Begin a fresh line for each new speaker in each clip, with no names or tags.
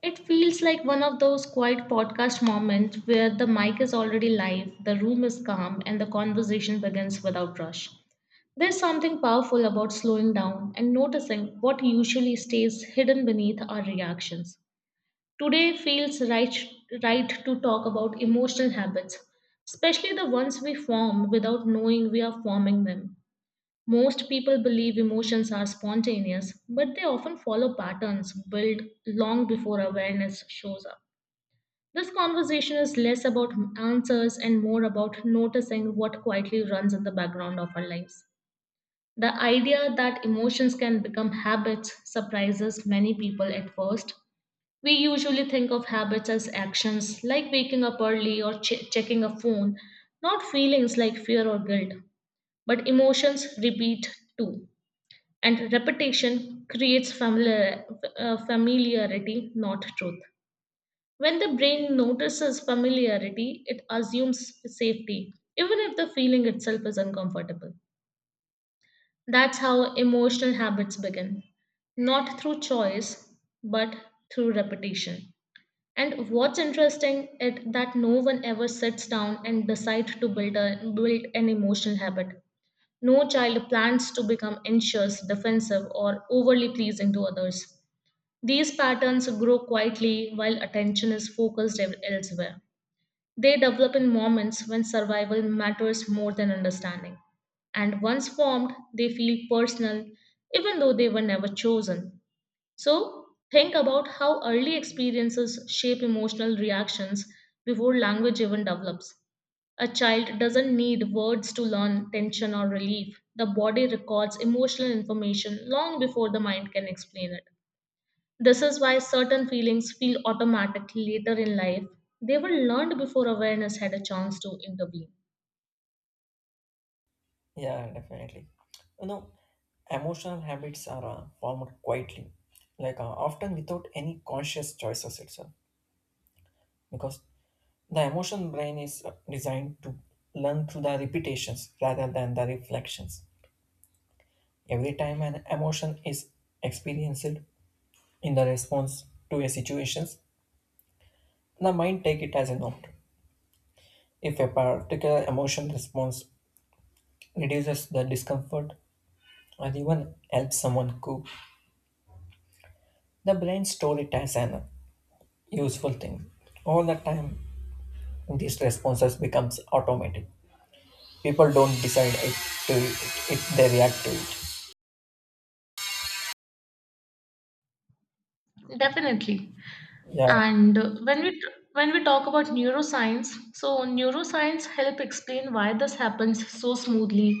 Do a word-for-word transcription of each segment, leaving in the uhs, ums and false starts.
It feels like one of those quiet podcast moments where the mic is already live, the room is calm, and the conversation begins without rush. There's something powerful about slowing down and noticing what usually stays hidden beneath our reactions. Today feels right, right to talk about emotional habits, especially the ones we form without knowing we are forming them. Most people believe emotions are spontaneous, but they often follow patterns built long before awareness shows up. This conversation is less about answers and more about noticing what quietly runs in the background of our lives. The idea that emotions can become habits surprises many people at first. We usually think of habits as actions like waking up early or che- checking a phone, not feelings like fear or guilt. But emotions repeat too and repetition creates familiar, uh, familiarity, not truth. When the brain notices familiarity, it assumes safety, even if the feeling itself is uncomfortable. That's how emotional habits begin, not through choice, but through repetition. And what's interesting is that no one ever sits down and decides to build, a, build an emotional habit. No child plans to become anxious, defensive, or overly pleasing to others. These patterns grow quietly while attention is focused ev- elsewhere. They develop in moments when survival matters more than understanding. And once formed, they feel personal, even though they were never chosen. So, think about how early experiences shape emotional reactions before language even develops. A child doesn't need words to learn tension or relief. The body records emotional information long before the mind can explain it. This is why certain feelings feel automatic later in life. They were learned before awareness had a chance to intervene.
Yeah, definitely. You know, emotional habits are uh, formed quietly, like uh, often without any conscious choices itself, because the emotion brain is uh, designed to learn through the repetitions rather than the reflections. Every time an emotion is experienced in the response to a situations, the mind take it as an option. If a particular emotion response reduces the discomfort or even helps someone cope, the brain store it as an useful thing. All the time, these responses becomes automatic. People don't decide it to it, it they react to it.
Definitely.
Yeah,
And uh, when we when we talk about neuroscience, so neuroscience help explain why this happens so smoothly.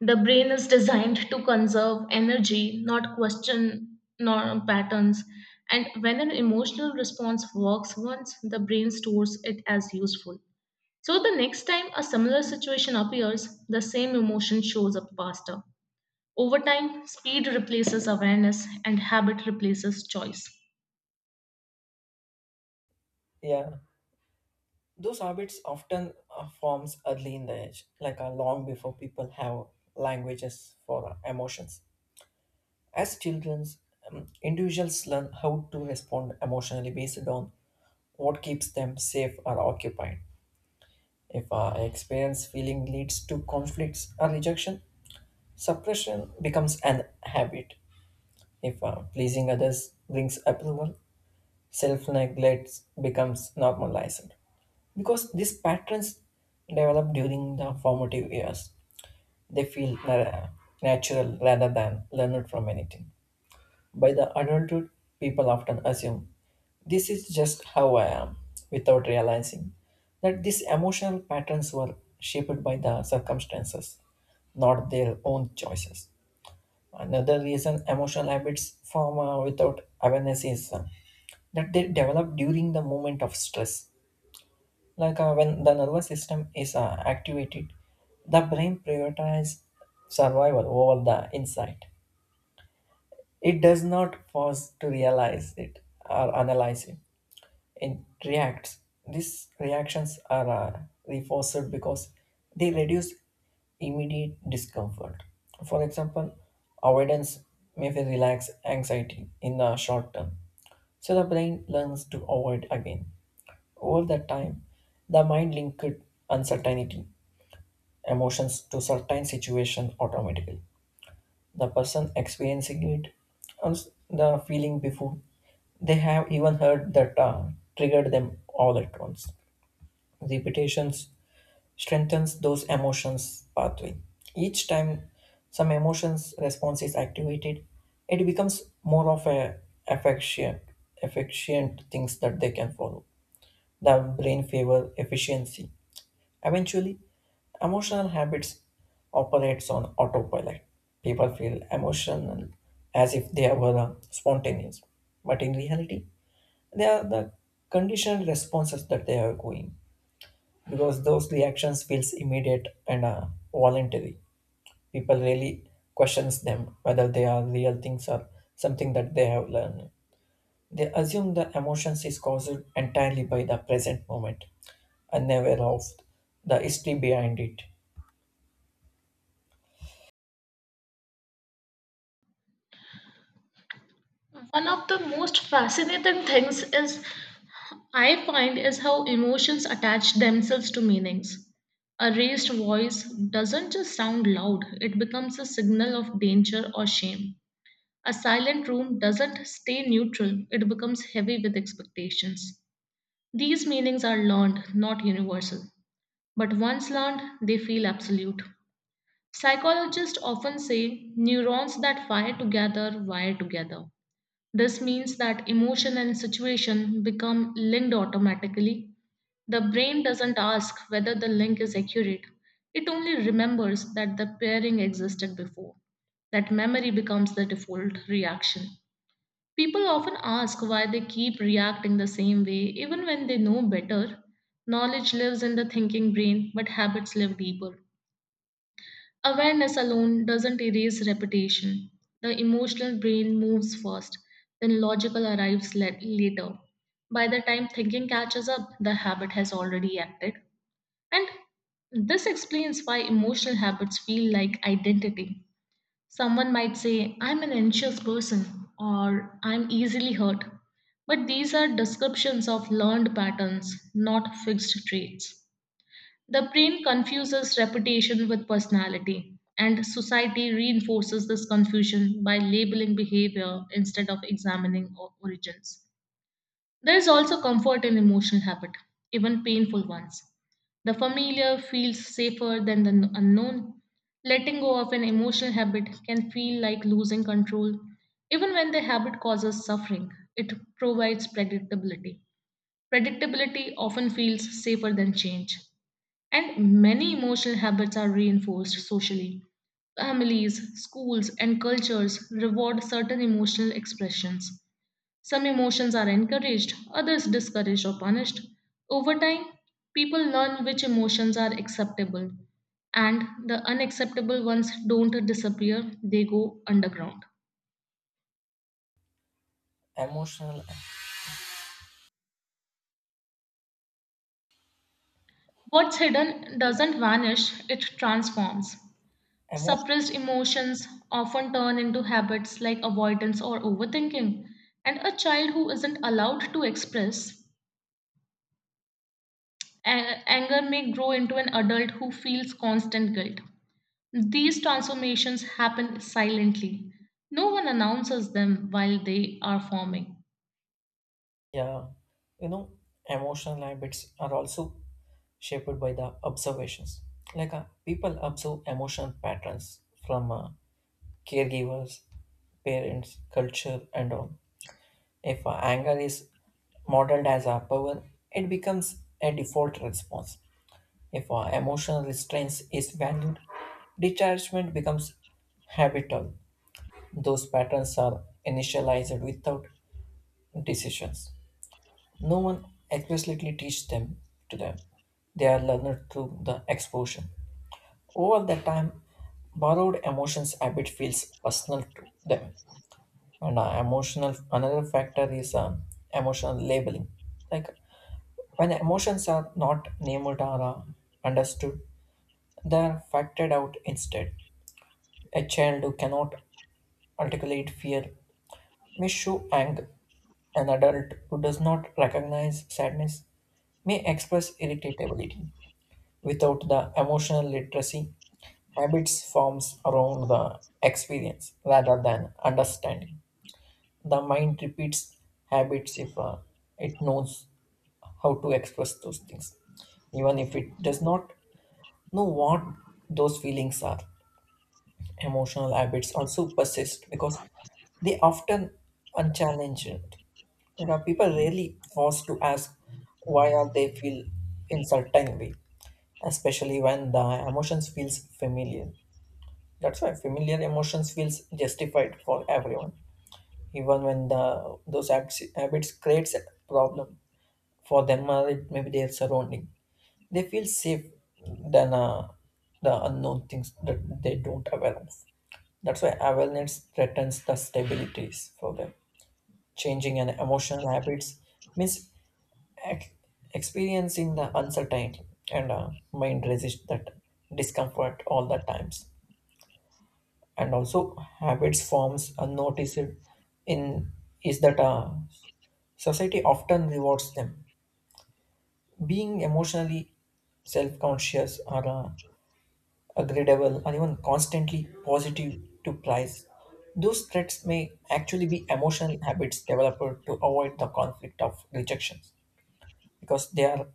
The brain is designed to conserve energy, not question nor patterns. And when an emotional response works once, the brain stores it as useful. So the next time a similar situation appears, the same emotion shows up faster. Over time, speed replaces awareness and habit replaces choice.
yeah. Those habits often uh, forms early in the age, like uh, long before people have languages for uh, emotions. As children, um, individuals learn how to respond emotionally based on what keeps them safe or occupied. If our experience feeling leads to conflicts or rejection, suppression becomes an habit. If uh, pleasing others brings approval, self neglect becomes normalized. Because these patterns develop during the formative years, they feel na- natural rather than learned from anything. By the adulthood, people often assume this is just how I am without realizing that these emotional patterns were shaped by the circumstances, not their own choices. Another reason emotional habits form uh, without awareness is uh, that they develop during the moment of stress. Like uh, when the nervous system is uh, activated, the brain prioritizes survival over the insight. It does not pause to realize it or analyze it it reacts. These reactions are uh, reinforced because they reduce immediate discomfort. For example, avoidance may feel relax anxiety in the short term, so the brain learns to avoid again. Over that time, the mind linked uncertainty emotions to certain situation automatically the person experiencing it and s- the feeling before they have even heard that uh, triggered them all at once. Repetitions strengthens those emotions pathway. Each time some emotions response is activated, it becomes more of a efficient, efficient things that they can follow. The brain favor efficiency. Eventually, emotional habits operates on autopilot. People feel emotional as if they were uh, spontaneous, but in reality, they are the conditioned responses that they are going because those reactions feels immediate and uh, voluntary. People really questions them whether they are real things or something that they have learned. They assume the emotions is caused entirely by the present moment and never of the history behind it.
One of the most fascinating things is I find is how emotions attach themselves to meanings. A raised voice doesn't just sound loud, it becomes a signal of danger or shame. A silent room doesn't stay neutral, it becomes heavy with expectations. These meanings are learned, not universal. But once learned, they feel absolute. Psychologists often say neurons that fire together wire together. This means that emotion and situation become linked automatically. The brain doesn't ask whether the link is accurate, it only remembers that the pairing existed before. That memory becomes the default reaction. People often ask why they keep reacting the same way even when they know better. Knowledge lives in the thinking brain, but habits live deeper. Awareness alone doesn't erase repetition. The emotional brain moves first, then logical arrives la- later. By the time thinking catches up, the habit has already acted. And this explains why emotional habits feel like identity. Someone might say, I'm an anxious person, or I'm easily hurt. But these are descriptions of learned patterns, not fixed traits. The brain confuses reputation with personality, and society reinforces this confusion by labeling behavior instead of examining o- origins. There is also comfort in emotional habit, even painful ones. The familiar feels safer than the kn- unknown. Letting go of an emotional habit can feel like losing control. Even when the habit causes suffering, it provides predictability. Predictability often feels safer than change. And many emotional habits are reinforced socially. Families, schools, and cultures reward certain emotional expressions. Some emotions are encouraged, others discouraged or punished. Over time, people learn which emotions are acceptable, and the unacceptable ones don't disappear, they go underground.
Emotional,
What's hidden doesn't vanish, it transforms.
emotion,
Suppressed emotions often turn into habits like avoidance or overthinking, and a child who isn't allowed to express a- anger may grow into an adult who feels constant guilt. These transformations happen silently. No one announces them while they are forming.
yeah, you know, emotional habits are also shaped by the observations. Like uh, people observe emotional patterns from uh, caregivers, parents, culture, and all. If uh, anger is modeled as a power, it becomes a default response. If uh, emotional restraint is valued, detachment becomes habitual. Those patterns are initialized without decisions. No one explicitly teaches them to them. They are learned through the exposure. Over that time, borrowed emotions habit feels personal to them. And uh, emotional another factor is um, emotional labeling. Like when emotions are not named or uh, understood, they are factored out instead. A child who cannot articulate fear may show anger. An adult who does not recognize sadness may express irritability. Without the emotional literacy, habits forms around the experience rather than understanding. The mind repeats habits if uh, it knows how to express those things, even if it does not know what those feelings are. Emotional habits also persist because they often unchallenged. Like, uh, people rarely pause to ask why are they feel in certain way, especially when the emotions feels familiar. That's why familiar emotions feels justified for everyone, even when the those acts, habits creates a problem for them or it maybe their surrounding. They feel safe than uh, the unknown things that they don't aware of. That's why awareness threatens the stabilities for them. Changing an emotional habits means ex- experiencing the uncertainty and uh, mind resist that discomfort all the times. And also habits forms are noticed in is that uh, society often rewards them being emotionally self-conscious or uh, agreeable or even constantly positive to price those threats may actually be emotional habits developed to avoid the conflict of rejections because they are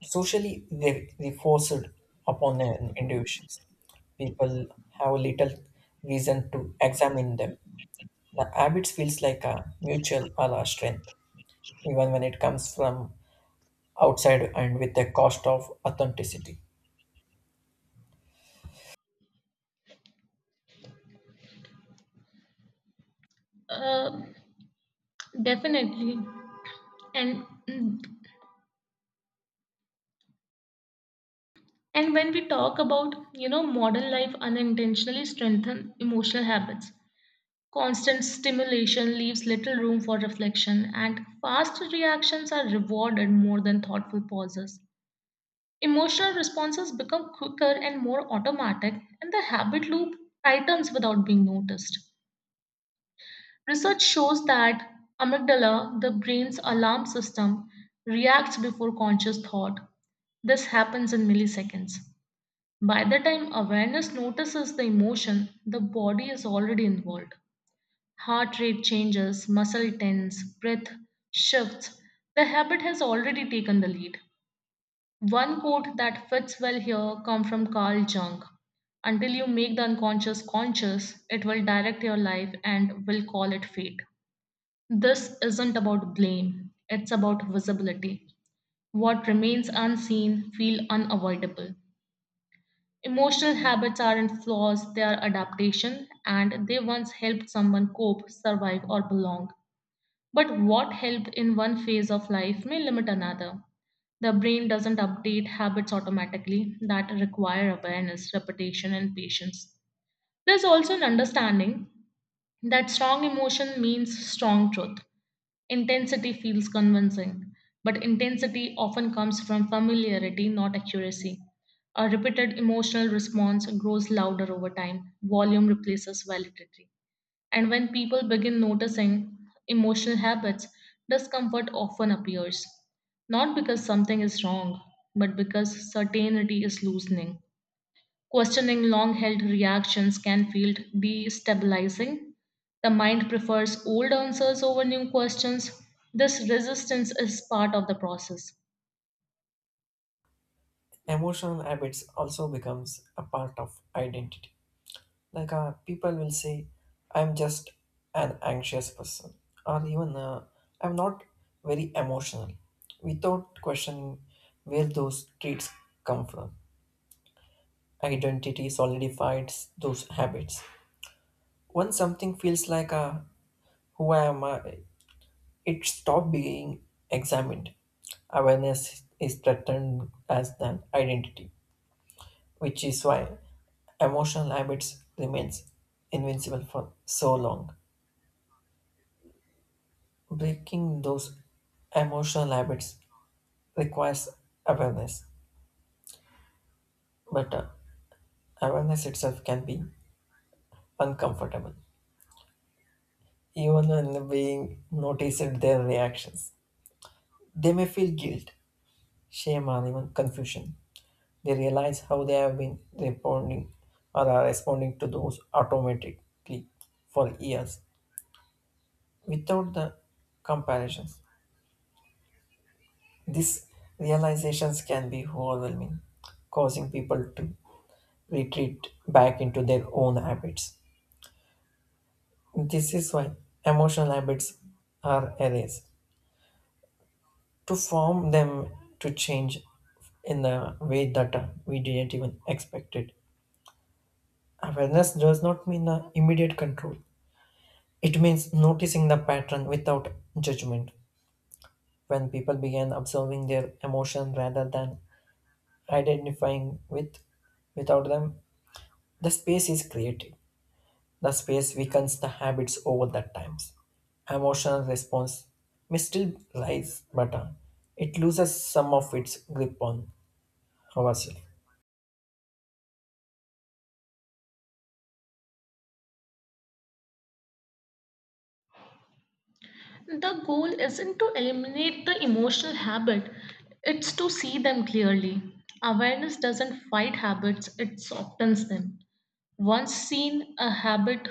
socially re- reinforced upon an individuals people have little reason to examine them. The habits feels like a mutual ala strength, even when it comes from outside and with the cost of authenticity.
Uh, definitely. And and when we talk about, you know, modern life unintentionally strengthen emotional habits. Constant stimulation leaves little room for reflection, and fast reactions are rewarded more than thoughtful pauses. Emotional responses become quicker and more automatic, and the habit loop tightens without being noticed. Research shows that amygdala, the brain's alarm system, reacts before conscious thought. This happens in milliseconds. By the time awareness notices the emotion, the body is already involved. Heart rate changes, muscle tense, breath shifts. The habit has already taken the lead. One quote that fits well here comes from Carl Jung. Until you make the unconscious conscious, it will direct your life and will call it fate. This isn't about blame, it's about visibility. What remains unseen feel unavoidable. Emotional habits aren't flaws, they are adaptation and they once helped someone cope, survive, or belong. But what helped in one phase of life may limit another. The brain doesn't update habits automatically that require awareness, repetition, and patience. There's also an understanding that strong emotion means strong truth. Intensity feels convincing, but intensity often comes from familiarity, not accuracy. A repeated emotional response grows louder over time. Volume replaces validity. And when people begin noticing emotional habits, discomfort often appears. Not because something is wrong, but because certainty is loosening. Questioning long held reactions can feel destabilizing. The mind prefers old answers over new questions. This resistance is part of the process.
Emotional habits also becomes a part of identity. Like uh, people will say, "I'm just an anxious person," or even uh, "I'm not very emotional," without questioning where those traits come from. Identity solidifies those habits. Once something feels like a who I am, uh, it stopped being examined. Awareness is threatened as an identity, which is why emotional habits remains invincible for so long. Breaking those emotional habits requires awareness, but uh, awareness itself can be uncomfortable, even when being noticed their reactions. They may feel guilt, shame, or even confusion. They realize how they have been responding or are responding to those automatically for years without the comparisons. These realizations can be overwhelming, causing people to retreat back into their own habits. This is why emotional habits are erased. To form them to change in the way that uh, we didn't even expect it. Awareness does not mean uh, immediate control. It means noticing the pattern without judgment. When people began observing their emotion rather than identifying with without them, the space is created. The space weakens the habits over the times. Emotional response may still rise, but uh, it loses some of its grip on ourselves.
The goal isn't to eliminate the emotional habit, it's to see them clearly. Awareness doesn't fight habits, it softens them. Once seen, a habit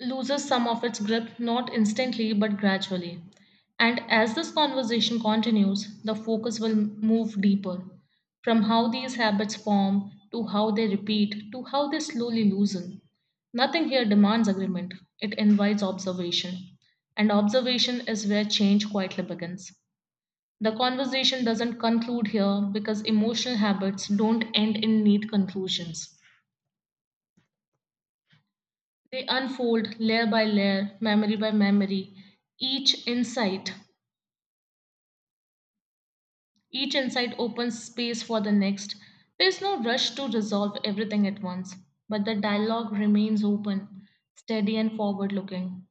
loses some of its grip not instantly but gradually. And as this conversation continues, the focus will move deeper from how these habits form to how they repeat to how they slowly loosen. Nothing here demands agreement, it invites observation. And observation is where change quietly begins. The conversation doesn't conclude here because emotional habits don't end in neat conclusions. They unfold layer by layer, memory by memory. Each insight, each insight opens space for the next. There is no rush to resolve everything at once, but the dialogue remains open, steady, and forward looking.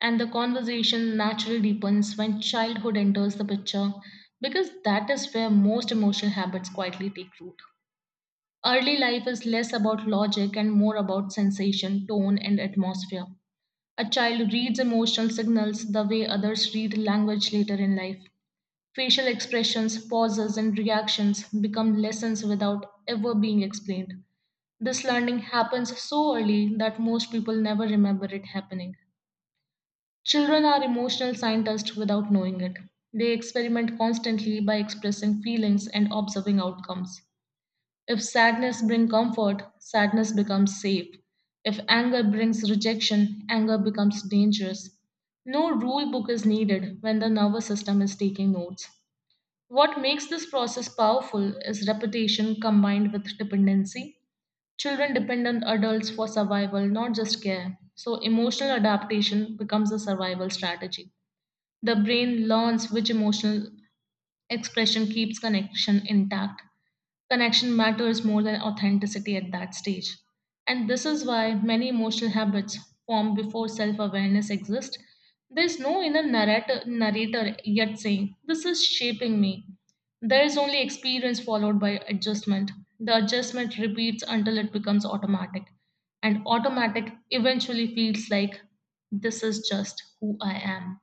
And the conversation naturally deepens when childhood enters the picture because that is where most emotional habits quietly take root. Early life is less about logic and more about sensation, tone, and atmosphere. A child reads emotional signals the way others read language later in life. Facial expressions, pauses, and reactions become lessons without ever being explained. This learning happens so early that most people never remember it happening. Children are emotional scientists without knowing it. They experiment constantly by expressing feelings and observing outcomes. If sadness brings comfort, sadness becomes safe. If anger brings rejection, anger becomes dangerous. No rule book is needed when the nervous system is taking notes. What makes this process powerful is repetition combined with dependency. Children depend on adults for survival, not just care. So, emotional adaptation becomes a survival strategy. The brain learns which emotional expression keeps connection intact. Connection matters more than authenticity at that stage. And this is why many emotional habits form before self awareness exist. There's no inner narrator, narrator yet saying, this is shaping me. There is only experience followed by adjustment. The adjustment repeats until it becomes automatic. And automatic eventually feels like, this is just who I am.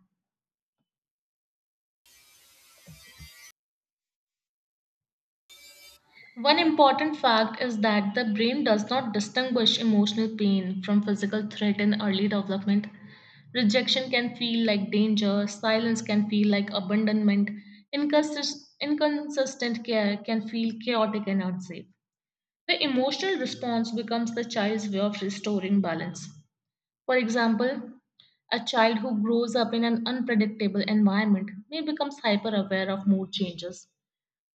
One important fact is that the brain does not distinguish emotional pain from physical threat in early development. Rejection can feel like danger, silence can feel like abandonment, inconsist- inconsistent care can feel chaotic and unsafe. The emotional response becomes the child's way of restoring balance. For example, a child who grows up in an unpredictable environment may become hyper aware of mood changes,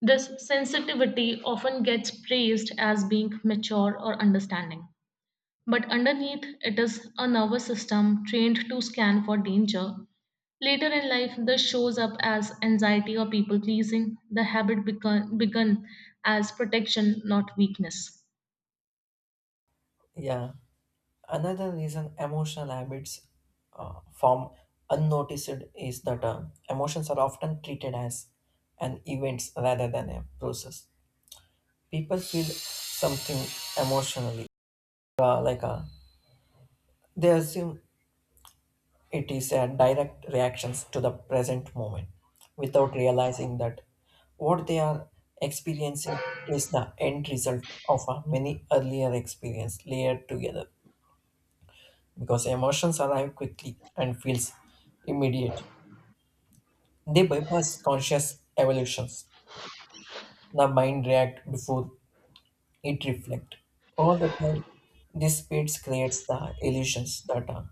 this sensitivity often gets praised as being mature or understanding, but underneath it is a nervous system trained to scan for danger. Later in life, this shows up as anxiety or people pleasing. The habit begun, begun as protection, not weakness.
Yeah. Another reason emotional habits uh, form unnoticed is that uh, emotions are often treated as an event rather than a process. People feel something emotionally, uh, like uh, they assume it is a direct reactions to the present moment, without realizing that what they are experiencing is the end result of a many earlier experience layered together. Because emotions arrive quickly and feels immediate. They bypass conscious evolutions. The mind reacts before it reflects. Over the time, this speed creates the illusions that are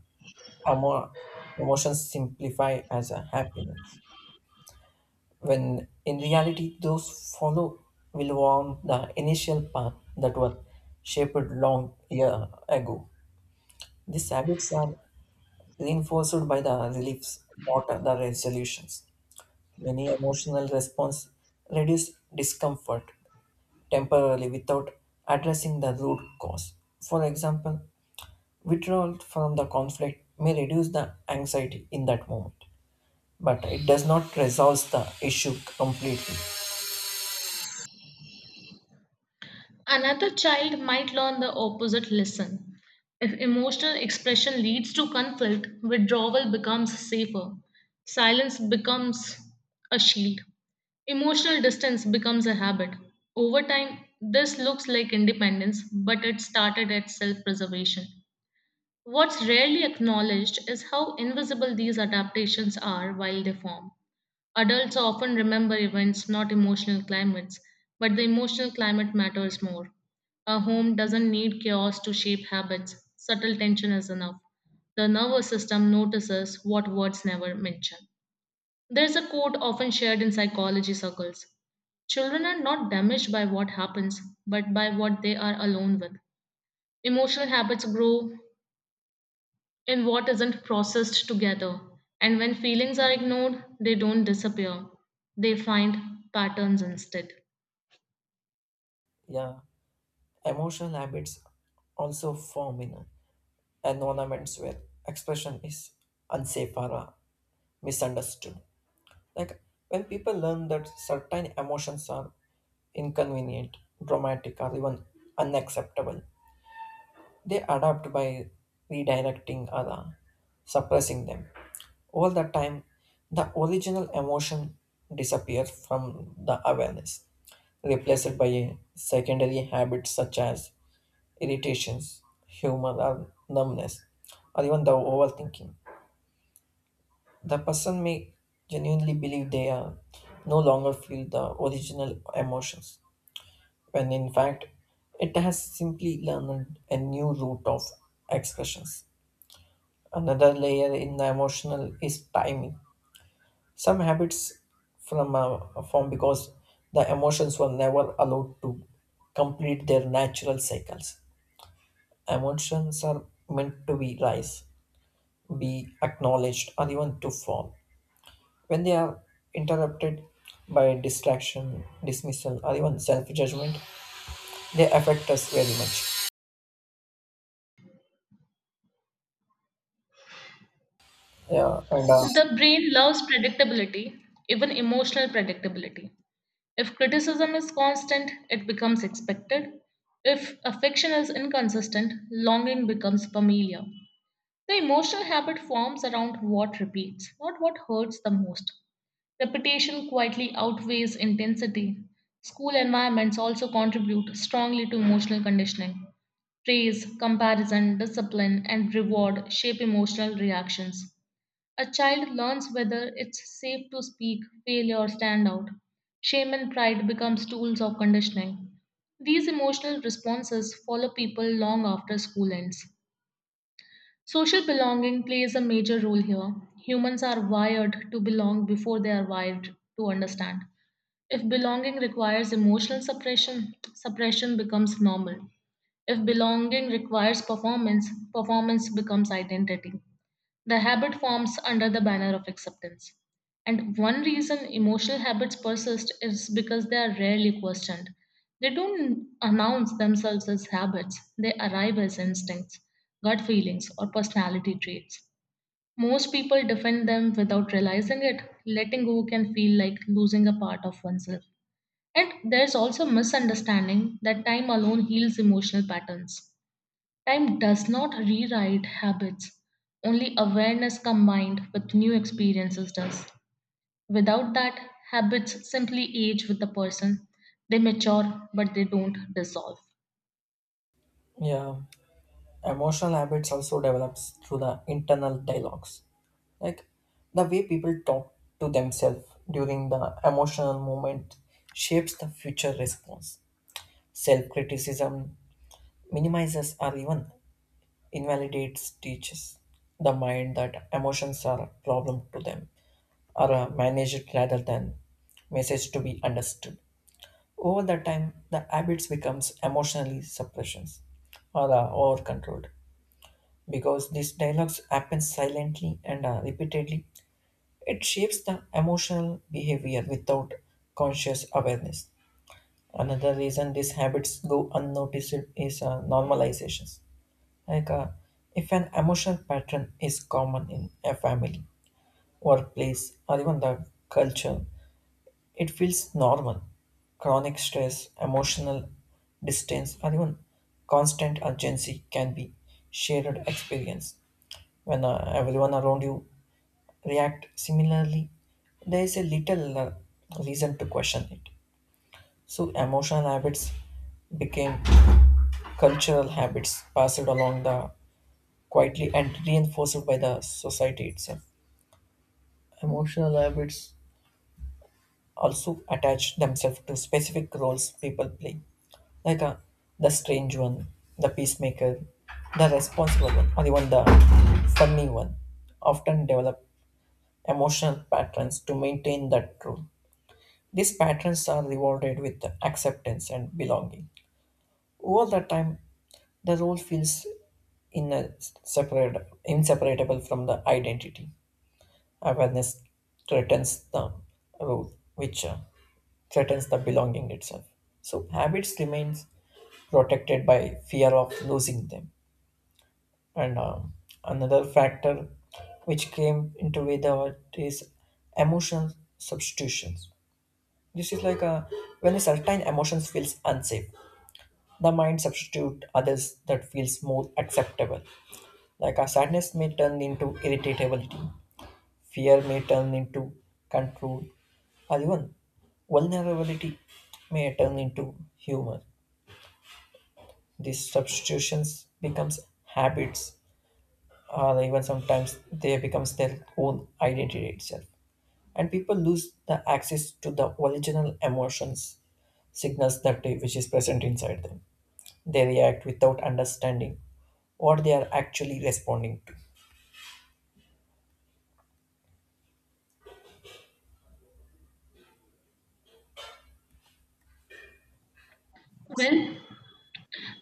emo- emotions simplify as a happiness. When in reality, those follow will warm the initial path that were shaped long year ago. These habits are reinforced by the reliefs, not the resolutions. Many emotional response reduce discomfort temporarily without addressing the root cause. For example, withdrawal from the conflict may reduce the anxiety in that moment, but it does not resolve the issue completely.
Another child might learn the opposite lesson. If emotional expression leads to conflict, withdrawal becomes safer. Silence becomes a shield. Emotional distance becomes a habit. Over time, this looks like independence, but it started at self preservation. What's rarely acknowledged is how invisible these adaptations are while they form. Adults often remember events, not emotional climates, but the emotional climate matters more. A home doesn't need chaos to shape habits, subtle tension is enough. The nervous system notices what words never mention. There's a quote often shared in psychology circles: children are not damaged by what happens, but by what they are alone with. Emotional habits grow in what isn't processed together. And when feelings are ignored, they don't disappear, they find patterns instead.
Yeah, emotional habits also form in environments where expression is unsafe or uh, misunderstood. Like when people learn that certain emotions are inconvenient, dramatic, or even unacceptable, they adapt by redirecting or uh, suppressing them. All the time, the original emotion disappears from the awareness, replaced by a secondary habits such as irritations, humor, or numbness, or even the overthinking. The person may genuinely believe they uh, no longer feel the original emotions when in fact it has simply learned a new route of expressions. Another layer in the emotional is timing. Some habits from uh, form because the emotions were never allowed to complete their natural cycles. Emotions are meant to be rise, be acknowledged or even to fall. When they are interrupted by distraction, dismissal, or even self judgment, they affect us very much. Yeah, and uh,
The brain loves predictability, even emotional predictability. If criticism is constant, it becomes expected. If affection is inconsistent, longing becomes familiar. The emotional habit forms around what repeats, not what hurts the most. Repetition quietly outweighs intensity. School environments also contribute strongly to emotional conditioning. Praise, comparison, discipline, and reward shape emotional reactions. A child learns whether it's safe to speak, fail, or stand out. Shame and pride becomes tools of conditioning. These emotional responses follow people long after school ends. Social belonging plays a major role here. Humans are wired to belong before they are wired to understand. If belonging requires emotional suppression, suppression becomes normal. If belonging requires performance, performance becomes identity. The habit forms under the banner of acceptance. And one reason emotional habits persist is because they are rarely questioned. They don't announce themselves as habits, they arrive as instincts, gut feelings, or personality traits. Most people defend them without realizing it. Letting go can feel like losing a part of oneself. And there's also misunderstanding that time alone heals emotional patterns. Time does not rewrite habits, only awareness combined with new experiences does. Without that, habits simply age with the person. They mature, but they don't dissolve.
yeah, emotional habits also develops through the internal dialogues, like the way people talk to themselves during the emotional moment shapes the future response. Self criticism minimizes or even invalidates teaches the mind that emotions are a problem to them or uh, managed rather than message to be understood. Over the time, the habits becomes emotionally suppressions or uh, over controlled because these dialogues happen silently and uh, repeatedly. It shapes the emotional behavior without conscious awareness. Another reason these habits go unnoticed is uh, normalizations. Like uh, if an emotional pattern is common in a family, workplace, or even the culture, it feels normal; chronic stress, emotional distance, or even constant urgency can be shared experience. When uh, everyone around you react similarly, there is a little uh, reason to question it. So emotional habits became cultural habits passed along the quietly and reinforced by the society itself. Emotional habits also attach themselves to specific roles people play like uh, the strange one, the peacemaker, the responsible one, or even the funny one, often develop emotional patterns to maintain that truth. These patterns are rewarded with acceptance and belonging. Over the time, the role feels in separate, inseparable from the identity. Awareness threatens the role, which uh, threatens the belonging itself. So habits remains protected by fear of losing them. And uh, another factor which came into with our is emotional substitutions. This is like a, when a certain emotions feels unsafe, the mind substitute others that feels more acceptable. Like a sadness may turn into irritability, fear may turn into control, or even vulnerability may turn into humor. These substitutions becomes habits or even sometimes they becomes their own identity itself and people lose the access to the original emotions signals that they- which is present inside them they react without understanding what they are actually responding to.
Well,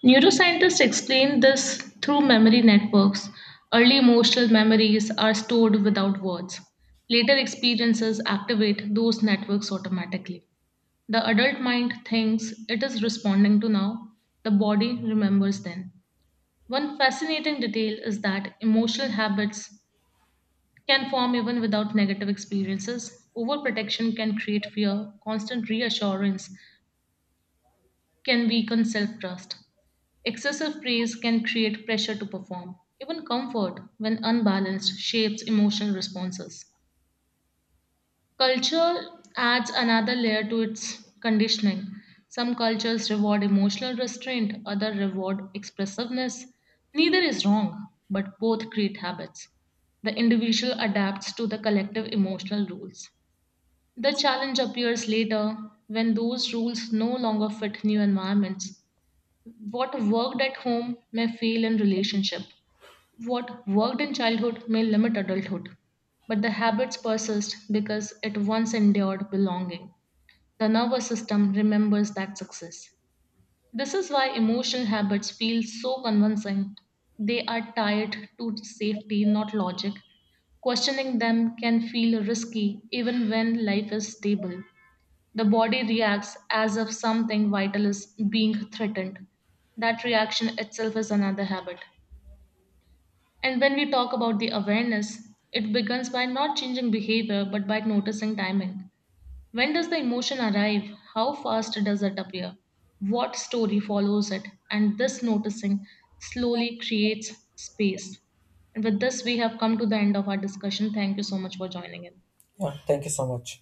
neuroscientists explain this through memory networks. Early emotional memories are stored without words. Later experiences activate those networks automatically. The adult mind thinks it is responding to now, the body remembers then. One fascinating detail is that emotional habits can form even without negative experiences. Overprotection can create fear, constant reassurance can weaken self trust. Excessive praise can create pressure to perform. Even comfort, when unbalanced, shapes emotional responses. Culture adds another layer to its conditioning. Some cultures reward emotional restraint, others reward expressiveness. Neither is wrong, but both create habits. The individual adapts to the collective emotional rules. The challenge appears later when those rules no longer fit new environments. What worked at home may fail in relationship. What worked in childhood may limit adulthood. But the habits persist because it once endured belonging. The nervous system remembers that success. This is why emotional habits feel so convincing. They are tied to safety, not logic. Questioning them can feel risky even when life is stable. The body reacts as if something vital is being threatened. That reaction itself is another habit. And when we talk about the awareness, it begins by not changing behavior but by noticing timing. When does the emotion arrive? How fast does it appear? What story follows it? And this noticing slowly creates space. And with this, we have come to the end of our discussion. Thank you so much for joining in.
Yeah, thank you so much.